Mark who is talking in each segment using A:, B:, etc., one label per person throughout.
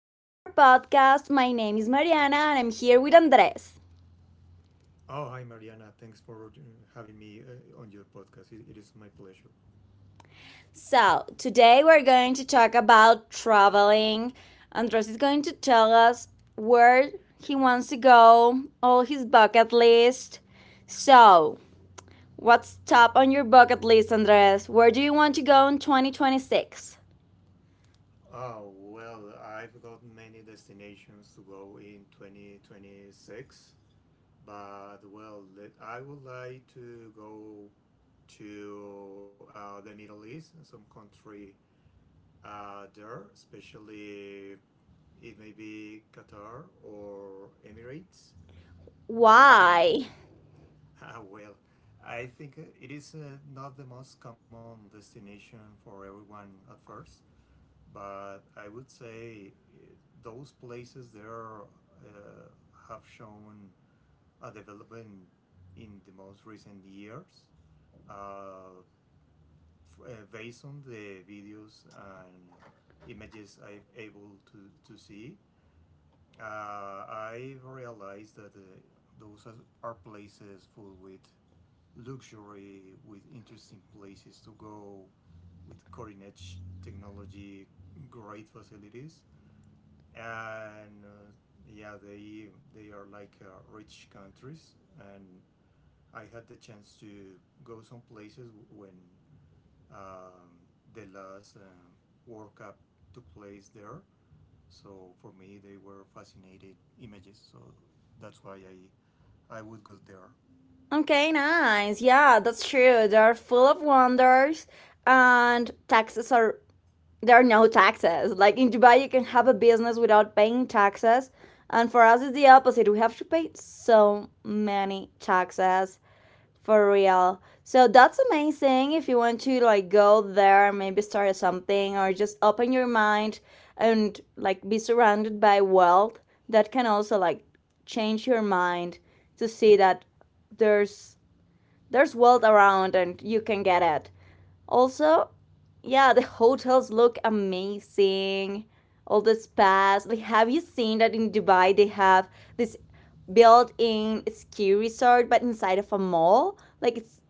A: to our podcast. My name is Mariana and I'm here with Andres.
B: Oh, hi, Mariana. Thanks for having me on your podcast. It is my pleasure.
A: So, today we're going to talk about traveling. Andres is going to tell us where he wants to go, all his bucket list. So, what's top on your bucket list, Andres? Where do you want to go in 2026?
B: Oh, well, I've got many destinations to go in 2026, but I would like to go to the Middle East, some country there, especially it may be Qatar or Emirates. I think
A: Why?
B: Ah, well, I think it is not the most common destination for everyone at first, but I would say those places there uh, have shown a development in the most recent years. Uh, Based on the videos and images I'm able to see, I've realized that those are places full with luxury, with interesting places to go, with cutting edge technology, great facilities, and yeah, they are like rich countries. And I had the chance to go some places when um, the last World Cup took place there. So for me, they were fascinating images. So that's why I would go there.
A: Okay, nice. Yeah, that's true. They're full of wonders, and taxes are there are no taxes. Like in Dubai, you can have a business without paying taxes, and for us, it's the opposite. We have to pay so many taxes for real. So that's amazing. If you want to like go there, maybe start something, or just open your mind and like be surrounded by wealth, that can also like change your mind to see that there's there's world around and you can get it. Also, yeah, the hotels look amazing. All the spas. Like, have you seen that in Dubai they have this built-in ski resort, but inside of a mall? Like it's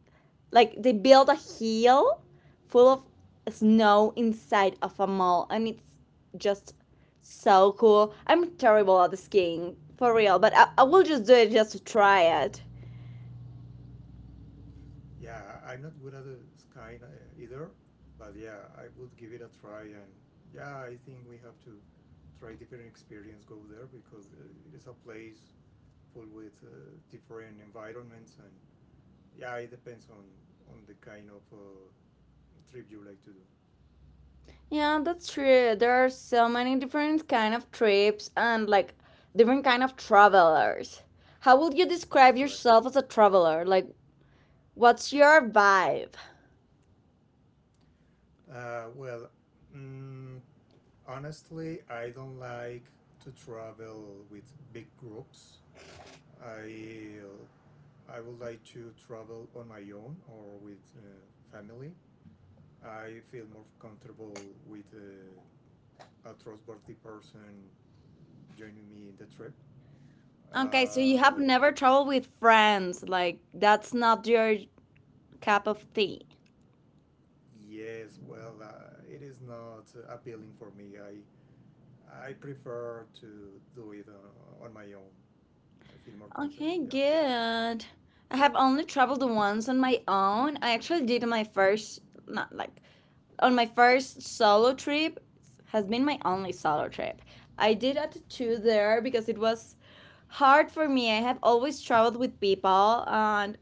A: like they built a hill full of snow inside of a mall, and it's just so cool. I'm terrible at the skiing for real, but I will just do it just to try it.
B: Yeah, I am not good at the sky either, but yeah, I would give it a try. And yeah, I think we have to try different experience go there because it is a place full with different environments. And yeah, it depends on the kind of trip you like to do.
A: Yeah, that's true. There are so many different kind of trips and like different kind of travelers. How would you describe
B: Correct.
A: yourself as a traveler? Like what's your vibe?
B: Uh, well, mm, Honestly, I don't like to travel with big groups. I uh, I would like to travel on my own or with family. I feel more comfortable with a trustworthy person joining me in the trip.
A: Okay, so you have
B: Uh,
A: never traveled with friends. Like that's not your cup of tea.
B: yes, well, it is not appealing for me. I prefer to do it on my own. I feel more
A: Okay,
B: comfortable. Yeah.
A: good. I have only traveled once on my own. I actually did my first, not like, on my first solo trip. Has been my only solo trip. I did a tattoo there because it was hard for me. I have always traveled with people, and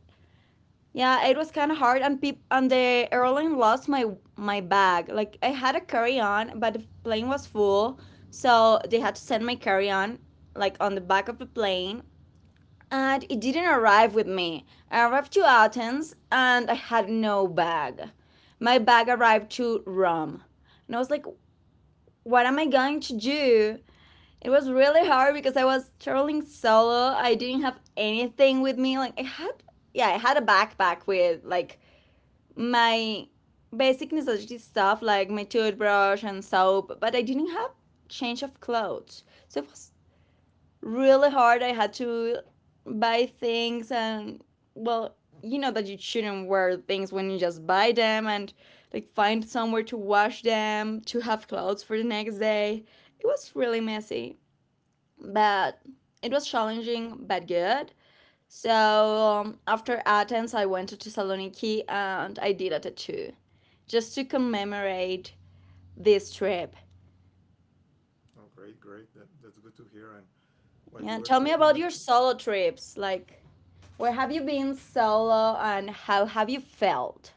A: yeah, it was kind of hard. And the airline lost my bag. Like I had a carry on, but the plane was full, so they had to send my carry on like on the back of the plane and it didn't arrive with me. I arrived to Athens and I had no bag. My bag arrived to Rome. And I was like, what am I going to do? It was really hard because I was traveling solo. I didn't have anything with me. Like I had yeah, I had a backpack with like my basic necessity stuff like my toothbrush and soap, but I didn't have change of clothes. So it was really hard. I had to buy things and well, you know that you shouldn't wear things when you just buy them and like find somewhere to wash them, to have clothes for the next day. It was really messy, but it was challenging but good. So after Athens, I went to Thessaloniki and I did a tattoo just to commemorate this trip.
B: Oh, great, great. That's good to hear. And while
A: Yeah,
B: you
A: tell
B: were
A: me about
B: talking,
A: your
B: ab-
A: solo trips. Like, where have you been solo and how have you felt?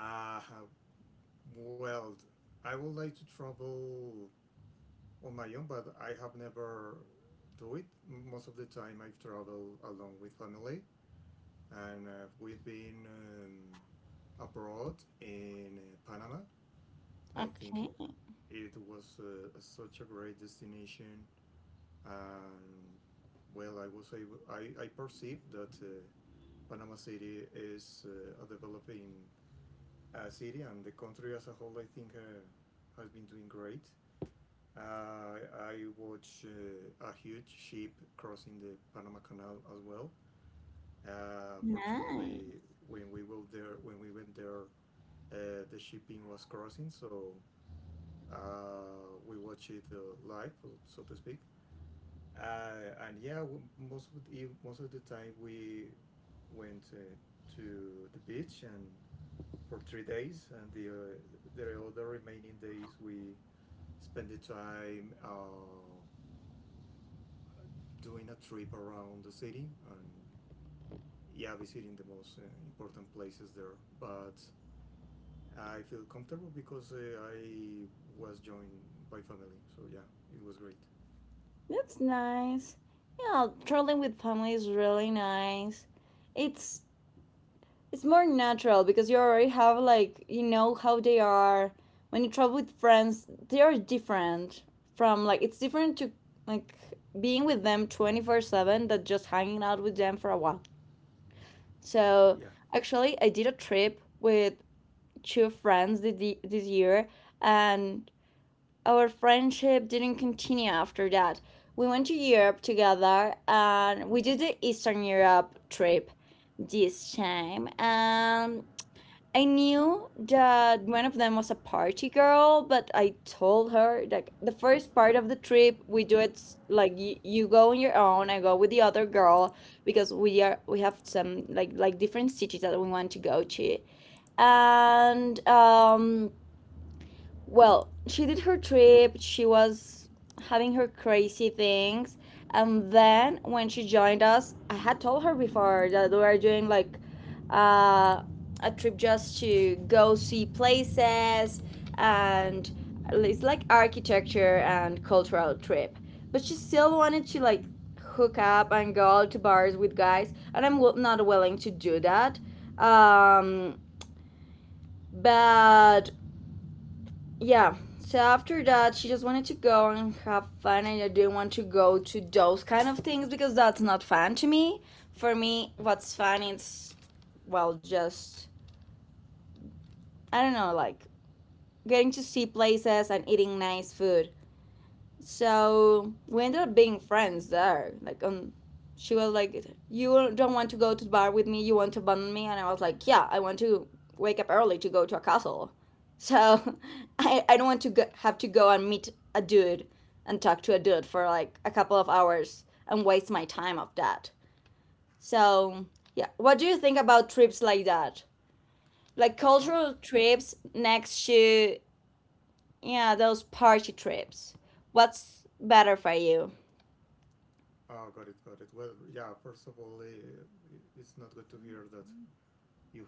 B: ah, well, I would like to travel on my own, but I have never do it. Most of the time, I've traveled along with family, and we've been abroad in Panama. I think
A: Okay,
B: it was such a great destination, and well, I perceive that Panama City is a developing city, and the country as a whole, I think, has been doing great. Uh, I watched a huge ship crossing the Panama Canal as well.
A: nice.
B: Fortunately, when we went there, the shipping was crossing, so we watched it live, so to speak. And yeah, most of the time we went to the beach and for 3 days, and the other remaining days we spent the time doing a trip around the city, and yeah, visiting the most important places there. But I feel comfortable because I was joined by family. So yeah, it was great.
A: That's nice. Yeah, traveling with family is really nice. It's it's more natural because you already have like you know how they are. When you travel with friends, they are different from like it's different to like being with them 24/7 than just hanging out with them for a while. So,
B: Yeah.
A: actually, I did a trip with to this year, and our friendship didn't continue after that. We went to Europe together, and we did the Eastern Europe trip this time, and I knew that one of them was a party girl, but I told her like the first part of the trip we do it like you go on your own, I go with the other girl because we have some like different cities that we want to go to. And well, she did her trip, she was having her crazy things, and then when she joined us, I had told her before that we were doing like uh, a trip just to go see places and it's like architecture and cultural trip. But she still wanted to like hook up and go out to bars with guys, and I'm not willing to do that. Um, but yeah, so after that she just wanted to go and have fun and I didn't want to go to those kind of things because that's not fun to me. For me what's fun is, well, just I don't know, like getting to see places and eating nice food. So we ended up being friends there. Like, she was like, "You don't want to go to the bar with me. You want to abandon me." And I was like, "Yeah, I want to wake up early to go to a castle. So I don't want to go, have to go and meet a dude and talk to a dude for like a couple of hours and waste my time of that." So yeah, what do you think about trips like that? Like
B: Oh,
A: cultural trips next to yeah those party trips. What's better for you?
B: oh, got it, got it. Well, yeah. First of all, it- it's not good to hear that you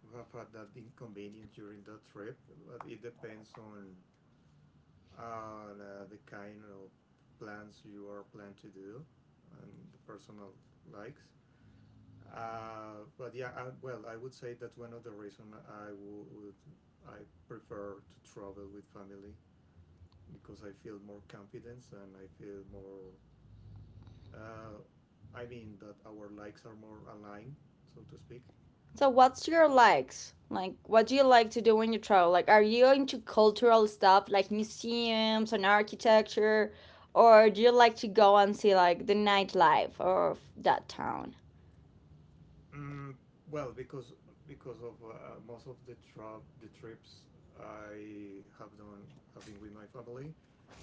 B: you have had that inconvenience during that trip. But it depends on the kind of plans you are planned to do and the personal likes. But yeah, well, I would say that's one of the reason would I prefer to travel with family because I feel more confidence and I feel more. Uh, I mean that our likes are more aligned, so to speak.
A: So what's your likes? Like what do you like to do when you travel? Like are you into cultural stuff like museums and architecture or do you like to go and see like the nightlife of that town?
B: Mm, well, because because of most of the trips I have done have been with my family,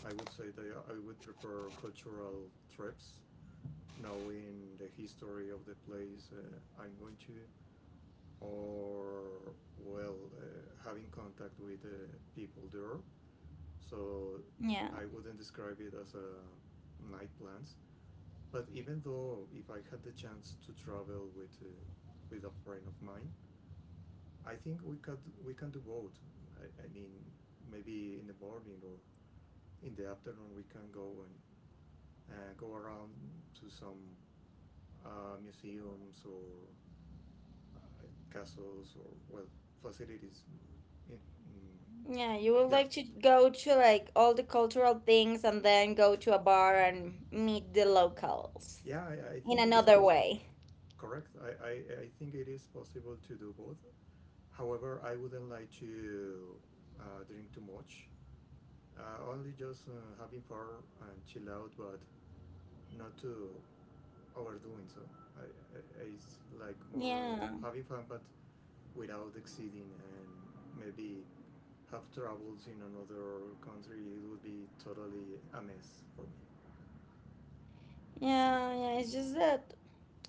B: I would say that I would prefer cultural trips, knowing the history of the place I'm going to, or well, having contact with the people there. So
A: Yeah.
B: I wouldn't describe it as a night plans. But even though if I had the chance to travel with a friend of mine, I think we can do both. I, I mean, maybe in the morning or in the afternoon we can go and go around to some museums or uh, castles or well facilities. It, mm,
A: Yeah, you would
B: yeah,
A: like to go to like all the cultural things and then go to a bar and meet the locals
B: I
A: in
B: think it is
A: another
B: possible.
A: way.
B: Correct. I think it is possible to do both. However, I wouldn't like to drink too much. Only just having fun and chill out, but not to overdoing so. I, I, it's like more
A: Yeah.
B: having fun, but without exceeding, and maybe have travels in another country. It would be totally a mess for me.
A: Yeah, yeah, it's just that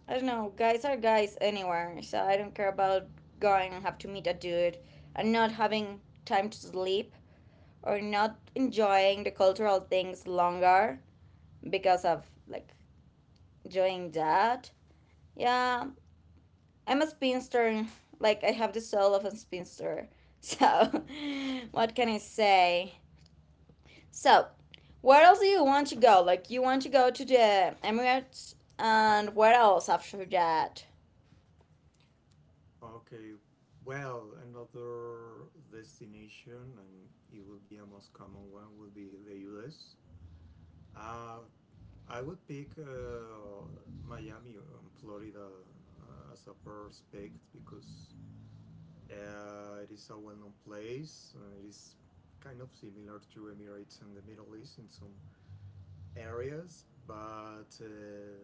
A: I don't know. Guys are guys anywhere, so I don't care about going and have to meet a dude and not having time to sleep or not enjoying the cultural things longer because of like doing that. Yeah, I'm a spinster. Like I have the soul of a spinster. So,
B: Yeah.
A: what can I say? So, where else do you want to go? Like you want to go to the Emirates and where else after that?
B: Okay. Well, another destination, and it would be a most common one, would be the U.S. Uh, I would pick Miami Florida as a first pick because it is a well-known place. It is kind of similar to Emirates and the Middle East in some areas, but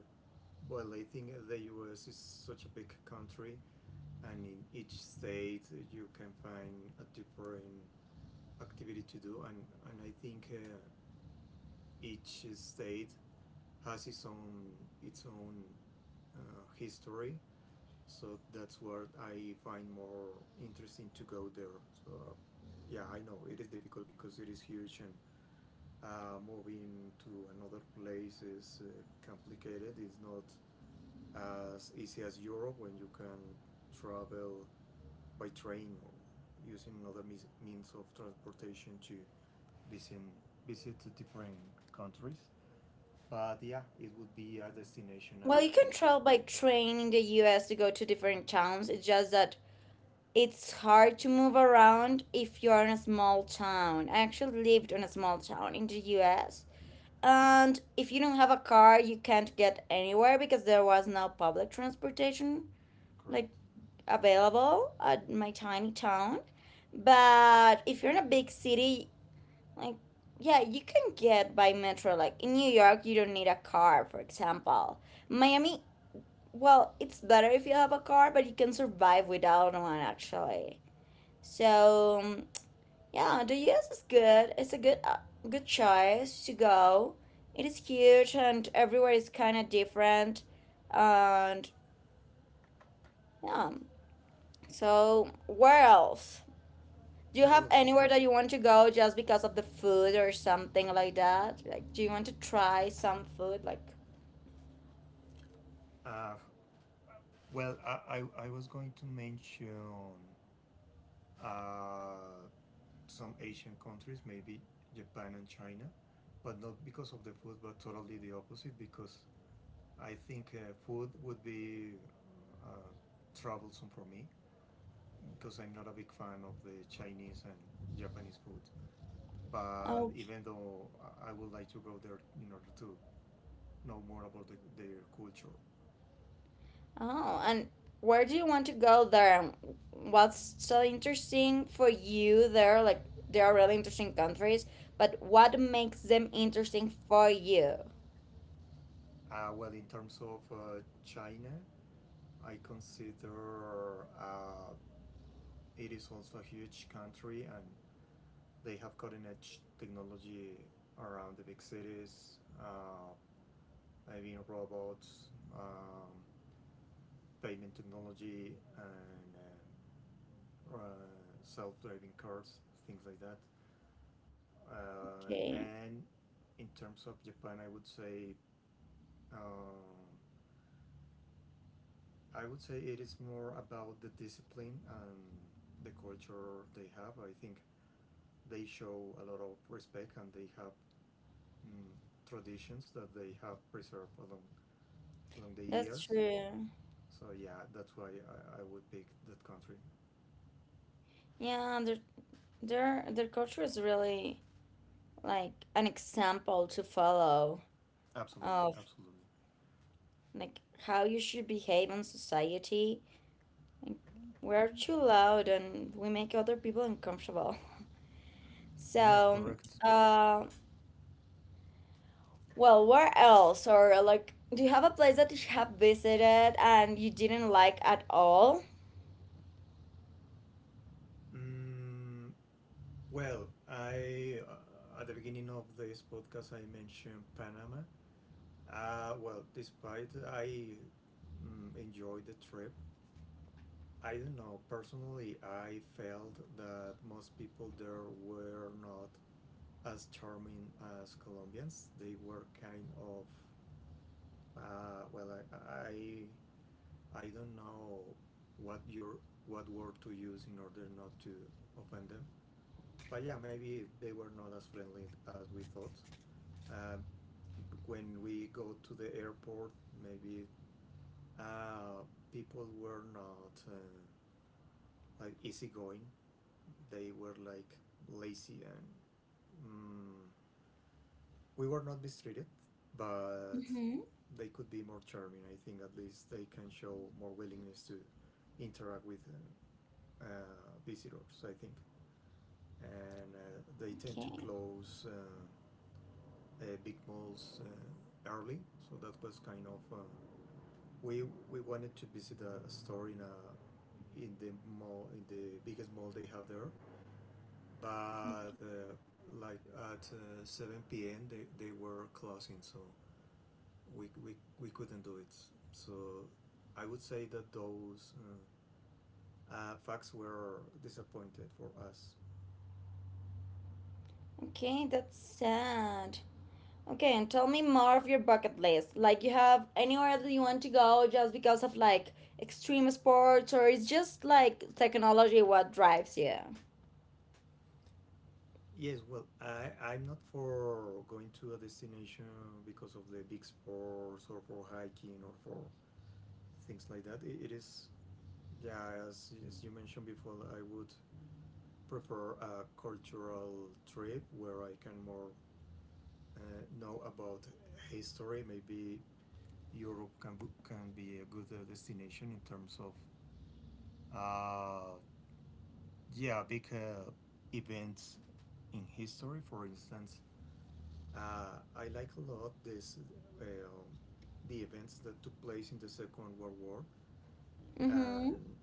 B: well, I think the U.S. is such a big country, and in each state you can find a different activity to do, and I think each state has its own its own history. So that's what I find more interesting to go there. So yeah, I know it is difficult because it is huge, and moving to another place is complicated. It's not as easy as europe, when you can travel by train or using other means of transportation to visit, visit different countries. But yeah, it would be a destination I
A: Well, you
B: would
A: can
B: pick,
A: travel by train in the US to go to different towns. It's just that it's hard to move around if you're in a small town. I actually lived in a small town in the US. And if you don't have a car, you can't get anywhere because there was no public transportation like
B: correct?
A: available at my tiny town. But if you're in a big city, like yeah, you can get by metro. Like in New York, you don't need a car, for example. Miami well, it's better if you have a car, but you can survive without one actually. So yeah, the US is good. It's a good good choice to go. It is huge and everywhere is kind of different. And yeah, so where else? Do you
B: Yeah,
A: have
B: well,
A: anywhere that you want to go just because of the food or something like that? Like, do you want to try some food? Like,
B: uh, I was going to mention uh, some Asian countries, maybe Japan and China, but not because of the food, but totally the opposite, because I think food would be uh, troublesome for me, because I'm not a big fan of the Chinese and Japanese food. But even though I would like to go there in order to know more about their culture.
A: oh, and where do you want to go there? And what's so interesting for you there? Like, there are really interesting countries, but what makes them interesting for you?
B: Well, in terms of China, I consider it is also a huge country, and they have cutting edge technology around the big cities. I mean, robots, um, payment technology, and uh, self-driving cars, things like that.
A: Okay,
B: And In terms of Japan, um, I would say it is more about the discipline and the culture they have. I think they show a lot of respect, and they have mm, traditions that they have preserved along the
A: that's
B: years.
A: true.
B: So yeah, that's why I would pick that country.
A: Yeah, their culture is really like an example to follow
B: Absolutely,
A: of
B: absolutely.
A: like how you should behave in society. Like, we're too loud and we make other people uncomfortable.
B: Yeah,
A: So,
B: correct.
A: uh, well, where else? Or like, do you have a place that you have visited and you didn't like at all?
B: Mm, Well, I at the beginning of this podcast I mentioned Panama. Well, despite I enjoyed the trip, I don't know personally. I felt that most people there were not as charming as Colombians. They were kind of uh, well, I, I I don't know what your what word to use in order not to offend them. But yeah, maybe they were not as friendly as we thought. Uh, when we go to the airport, maybe uh, people were not like easygoing. They were like lazy, and mm, we were not mistreated, but
A: Mm-hmm.
B: they could be more charming. I think at least they can show more willingness to interact with visitors. I think, and they tend to
A: Okay.
B: close big malls early, so that was kind of. We we wanted to visit a store in the mall, in the biggest mall they have there, but like at 7 p.m. They were closing, so we couldn't do it. So I would say that those facts were disappointed for us.
A: Okay, that's sad. Okay, and tell me more of your bucket list. Like, you have anywhere that you want to go just because of like extreme sports, or it's just like technology what drives you?
B: Yes, well, I'm not for going to a destination because of the big sports or for hiking or for things like that. It is. Yeah, as you mentioned before, I would prefer a cultural trip where I can more know about history. Maybe Europe can be a good destination in terms of uh, yeah, big events in history. For instance, I like a lot this uh, the events that took place in the Second World War,
A: Mm-hmm.
B: and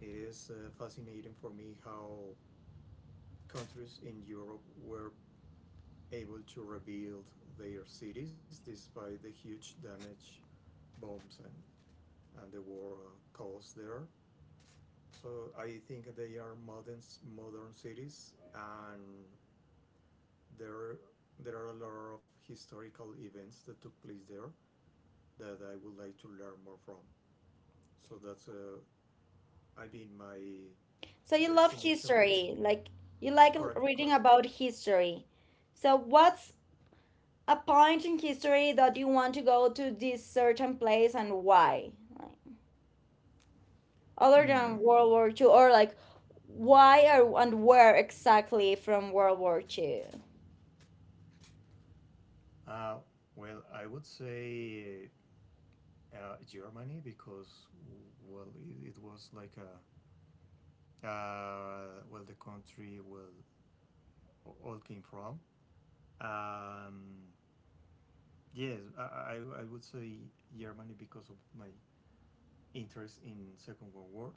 B: it is fascinating for me how countries in Europe were able to rebuild their cities despite the huge damage bombs and the war caused there. So I think they are modern cities, and there there are a lot of historical events that took place there that I would like to learn more from. So that's I mean my
A: So you love
B: destination picks.
A: history, like you like
B: Correct,
A: reading
B: correct.
A: about history. So what's a point in history that you want to go to this certain place and why? Like, other than
B: Mm.
A: World War Two, or like why or, and where exactly from World War Two?
B: Uh, well, I would say Germany because it was like a uh, well the country well all came from um, yes, I would say Germany because of my interest in Second World War.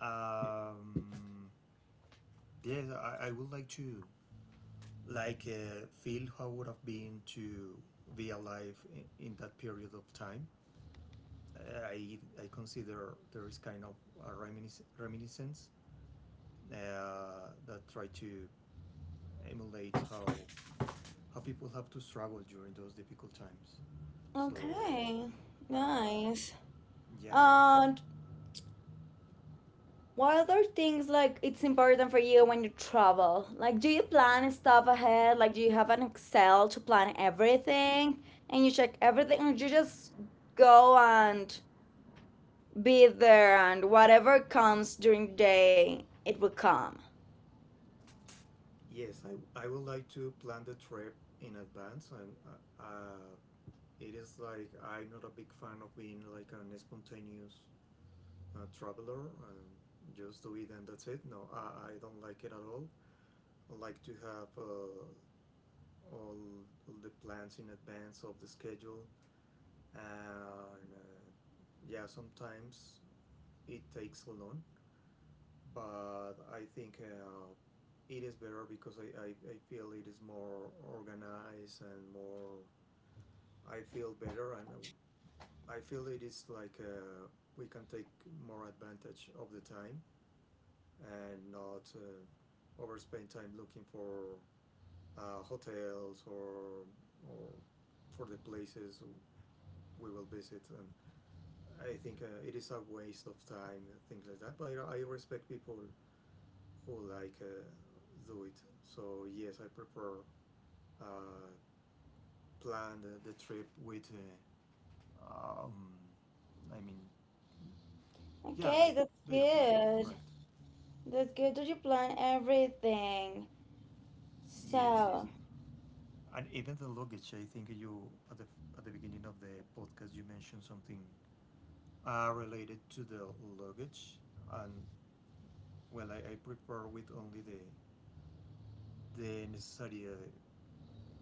B: um, yes, I would like to feel how would have been to be alive in that period of time. I consider there is kind of a reminiscence that try to emulate how people have to struggle during those difficult times. So
A: Okay,
B: uh,
A: nice.
B: yeah, yeah,
A: And what other things like it's important for you when you travel? Like, do you plan stuff ahead? Like, do you have an Excel to plan everything and you check everything, or you just go and be there and whatever comes during the day, it will come.
B: yes, I would like to plan the trip in advance, and it is like I'm not a big fan of being like an spontaneous traveler and just do it and that's it. No, I don't like it at all. I like to have all, all the plans in advance of the schedule and yeah, sometimes it takes long, but I think it is better because I feel it is more organized and more, I feel better, and I feel it is like we can take more advantage of the time and not overspend time looking for hotels or or for the places we will visit. And I think it is a waste of time and things like that. But I respect people who do it. So yes, I prefer uh, plan the trip with. Uh, um, I mean, yeah,
A: Okay,
B: like,
A: that's
B: do the plan.
A: good.
B: Correct.
A: That's good that you plan everything.
B: Yes, yes.
A: So,
B: And even the luggage, I think you at the beginning of the podcast you mentioned something related to the luggage, and well, I prepare with only the necessary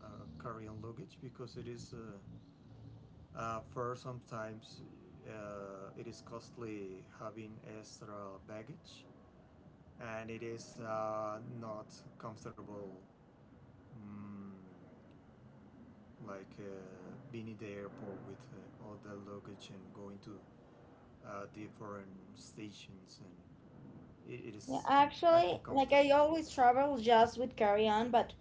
B: uh, carry-on luggage, because it is for sometimes it is costly having extra baggage, and it is not comfortable, mm, like being in the airport with all the luggage and going to different stations, and it
A: yeah,
B: is
A: actually, like I
B: uncomfortable.
A: always travel just with carry on, but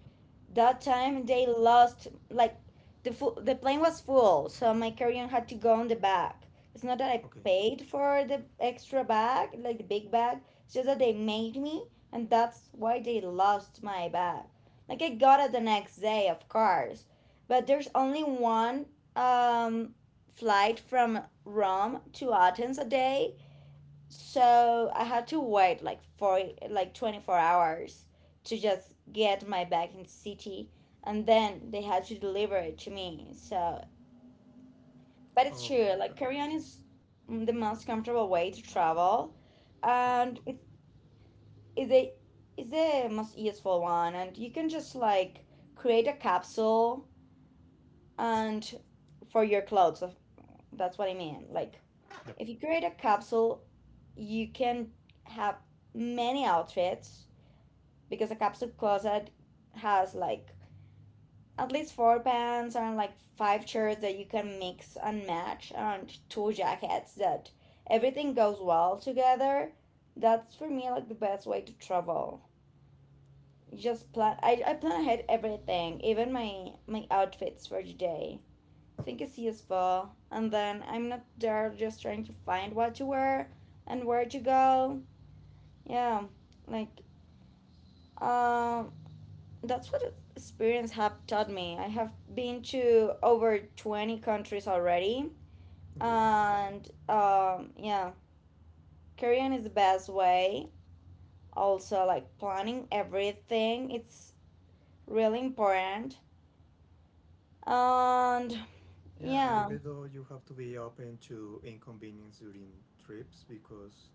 A: that time they lost like the plane was full, so my carry-on had to go on the back. It's not that I
B: Okay.
A: paid for the extra bag, like the big bag. It's just that they made me, and that's why they lost my bag. Like I got it the next day, of course, but there's only one um flight from Rome to Athens a day, so I had to wait like for like 24 hours to just get my bag in the city and then they had to deliver it to me. So, but it's true,
B: Okay,
A: like
B: got it.
A: carry is the most comfortable way to travel
B: Absolutely.
A: and it is a is the most useful one, and you can just like create a capsule and for your clothes. That's what I mean. Like
B: Yeah.
A: if you create a capsule, you can have many outfits, because a capsule closet has like at least four pants and like five shirts that you can mix and match, and two jackets that everything goes well together. That's for me like the best way to travel. Just plan. I plan ahead everything, even my outfits for today. I think it's useful, and then I'm not there just trying to find what to wear and where to go, yeah. Like um uh, that's what experience have taught me. I have been to over 20 countries already.
B: Okay.
A: And yeah, Korean is the best way. Also, like planning everything, it's really important. And
B: Yeah, and
A: yeah,
B: even though you have to be open to inconvenience during trips, because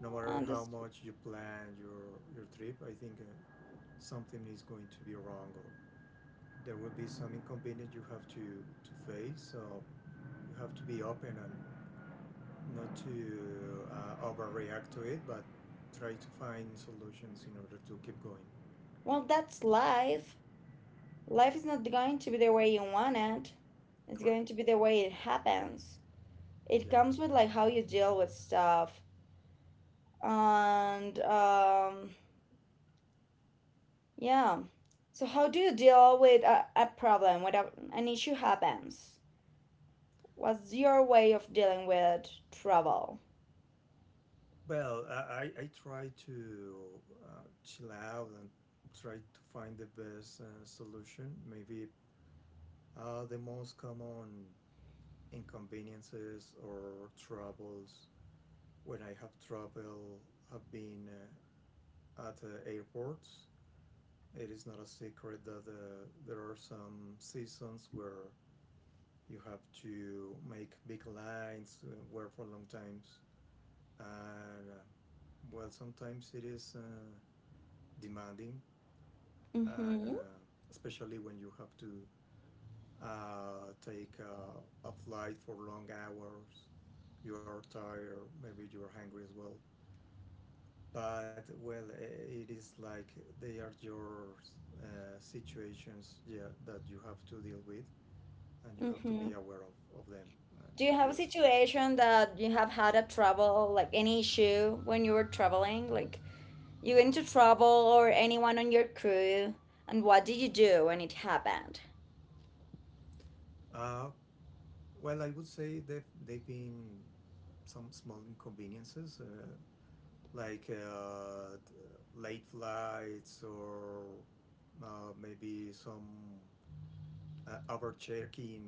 B: no matter
A: and
B: how
A: just,
B: much you plan your trip, I think something is going to be wrong, or there will be some inconvenience you have to face. So you have to be open and not to overreact to it, but try to find solutions in order to keep going.
A: well, that's life. Life is not going to be the way you want it, it's
B: Correct.
A: going to be the way it happens. It
B: Yeah.
A: comes with like how you deal with stuff. And yeah. So how do you deal with a problem, when an issue happens? What's your way of dealing with trouble?
B: Well, I try to chill out and try to find the best solution. Maybe the most common inconveniences or troubles, when I have trouble, have been at airports. It is not a secret that there are some seasons where you have to make big lines, work for long times, and well, sometimes it is demanding, and
A: Mm-hmm.
B: especially when you have to take a flight for long hours, you are tired, maybe you are hungry as well. But well, it is like they are your situations, yeah, that you have to deal with, and you have to
A: Mm-hmm.
B: be aware of them. And
A: Do you have a
B: just
A: situation that you have had a trouble, like any issue when you were traveling? Like you went into trouble, or anyone on your crew? And what did you do when it happened?
B: uh, well, I would say they've been some small inconveniences. Like late flights, or maybe some overchecking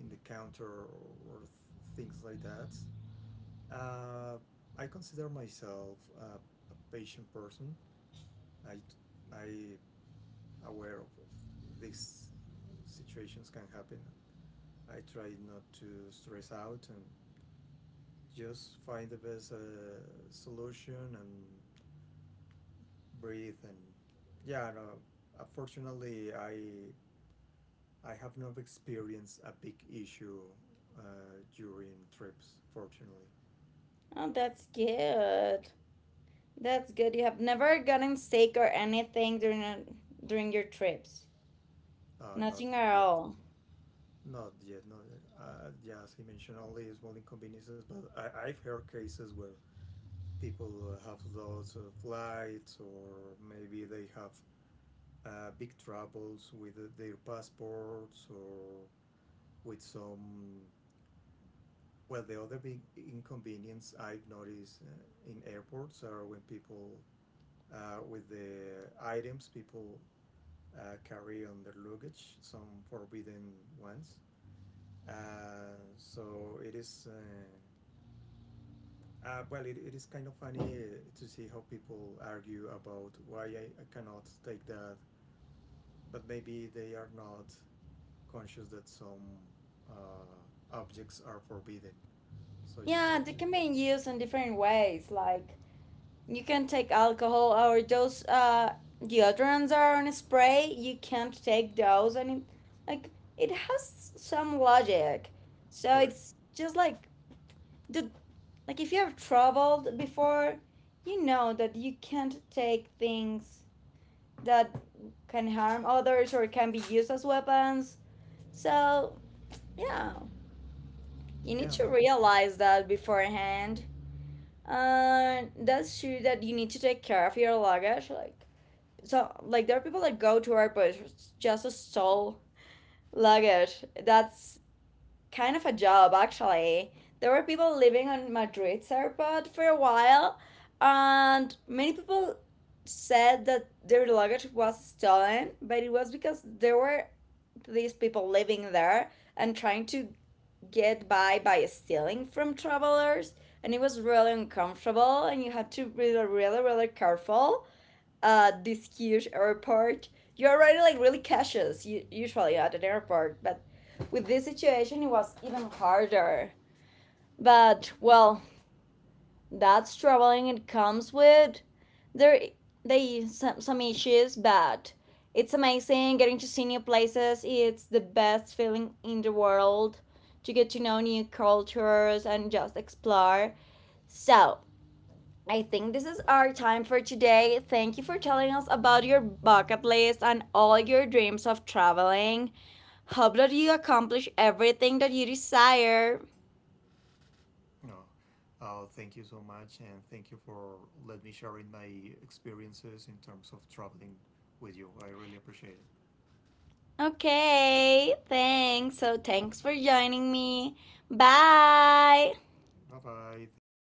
B: in the counter, or things like that. Uh, I consider myself a patient person. I I aware of these situations can happen. I try not to stress out and just find the best solution and breathe. And yeah, no, unfortunately, I have not experienced a big issue during trips, fortunately.
A: Oh, that's good. That's good. You have never gotten sick or anything during a, during your trips.
B: Not
A: Nothing at
B: yet.
A: all.
B: Not yeah, as he mentioned, only small inconveniences, but I, I've heard cases where people have lots of lights, or maybe they have big troubles with their passports, or with some. Well, the other big inconvenience I've noticed in airports are when people, with the items people carry on their luggage, some forbidden ones. So it is, well, it is kind of funny to see how people argue about why I cannot take that, but maybe they are not conscious that some objects are forbidden. So you
A: Yeah,
B: have
A: they
B: to.
A: can be used in different ways. Like you can take alcohol or those deodorants are on spray. You can't take those, and it, like it has some logic. So
B: Correct.
A: it's just like the like if you have traveled before, you know that you can't take things that can harm others or can be used as weapons. So yeah, you need
B: Yeah,
A: to
B: but
A: realize that beforehand. And that's true that you need to take care of your luggage. Like so like there are people that go to airports just to stole luggage. That's kind of a job, actually. There were people living on Madrid's airport for a while, and many people said that their luggage was stolen, but it was because there were these people living there and trying to get by stealing from travelers. And it was really uncomfortable, and you had to be really, really, really careful at this huge airport. You're already like really cautious usually at an airport, but with this situation it was even harder. But well, that's traveling. It comes with there they some issues, but it's amazing getting to see new places. It's the best feeling in the world to get to know new cultures and just explore. So I think this is our time for today. Thank you for telling us about your bucket list and all your dreams of traveling. Hope that you accomplish everything that you desire.
B: no. Thank you so much, and thank you for letting me sharing my experiences in terms of traveling with you. I really appreciate it.
A: Okay, thanks. So, thanks for joining me. Bye.
B: Bye bye. Thank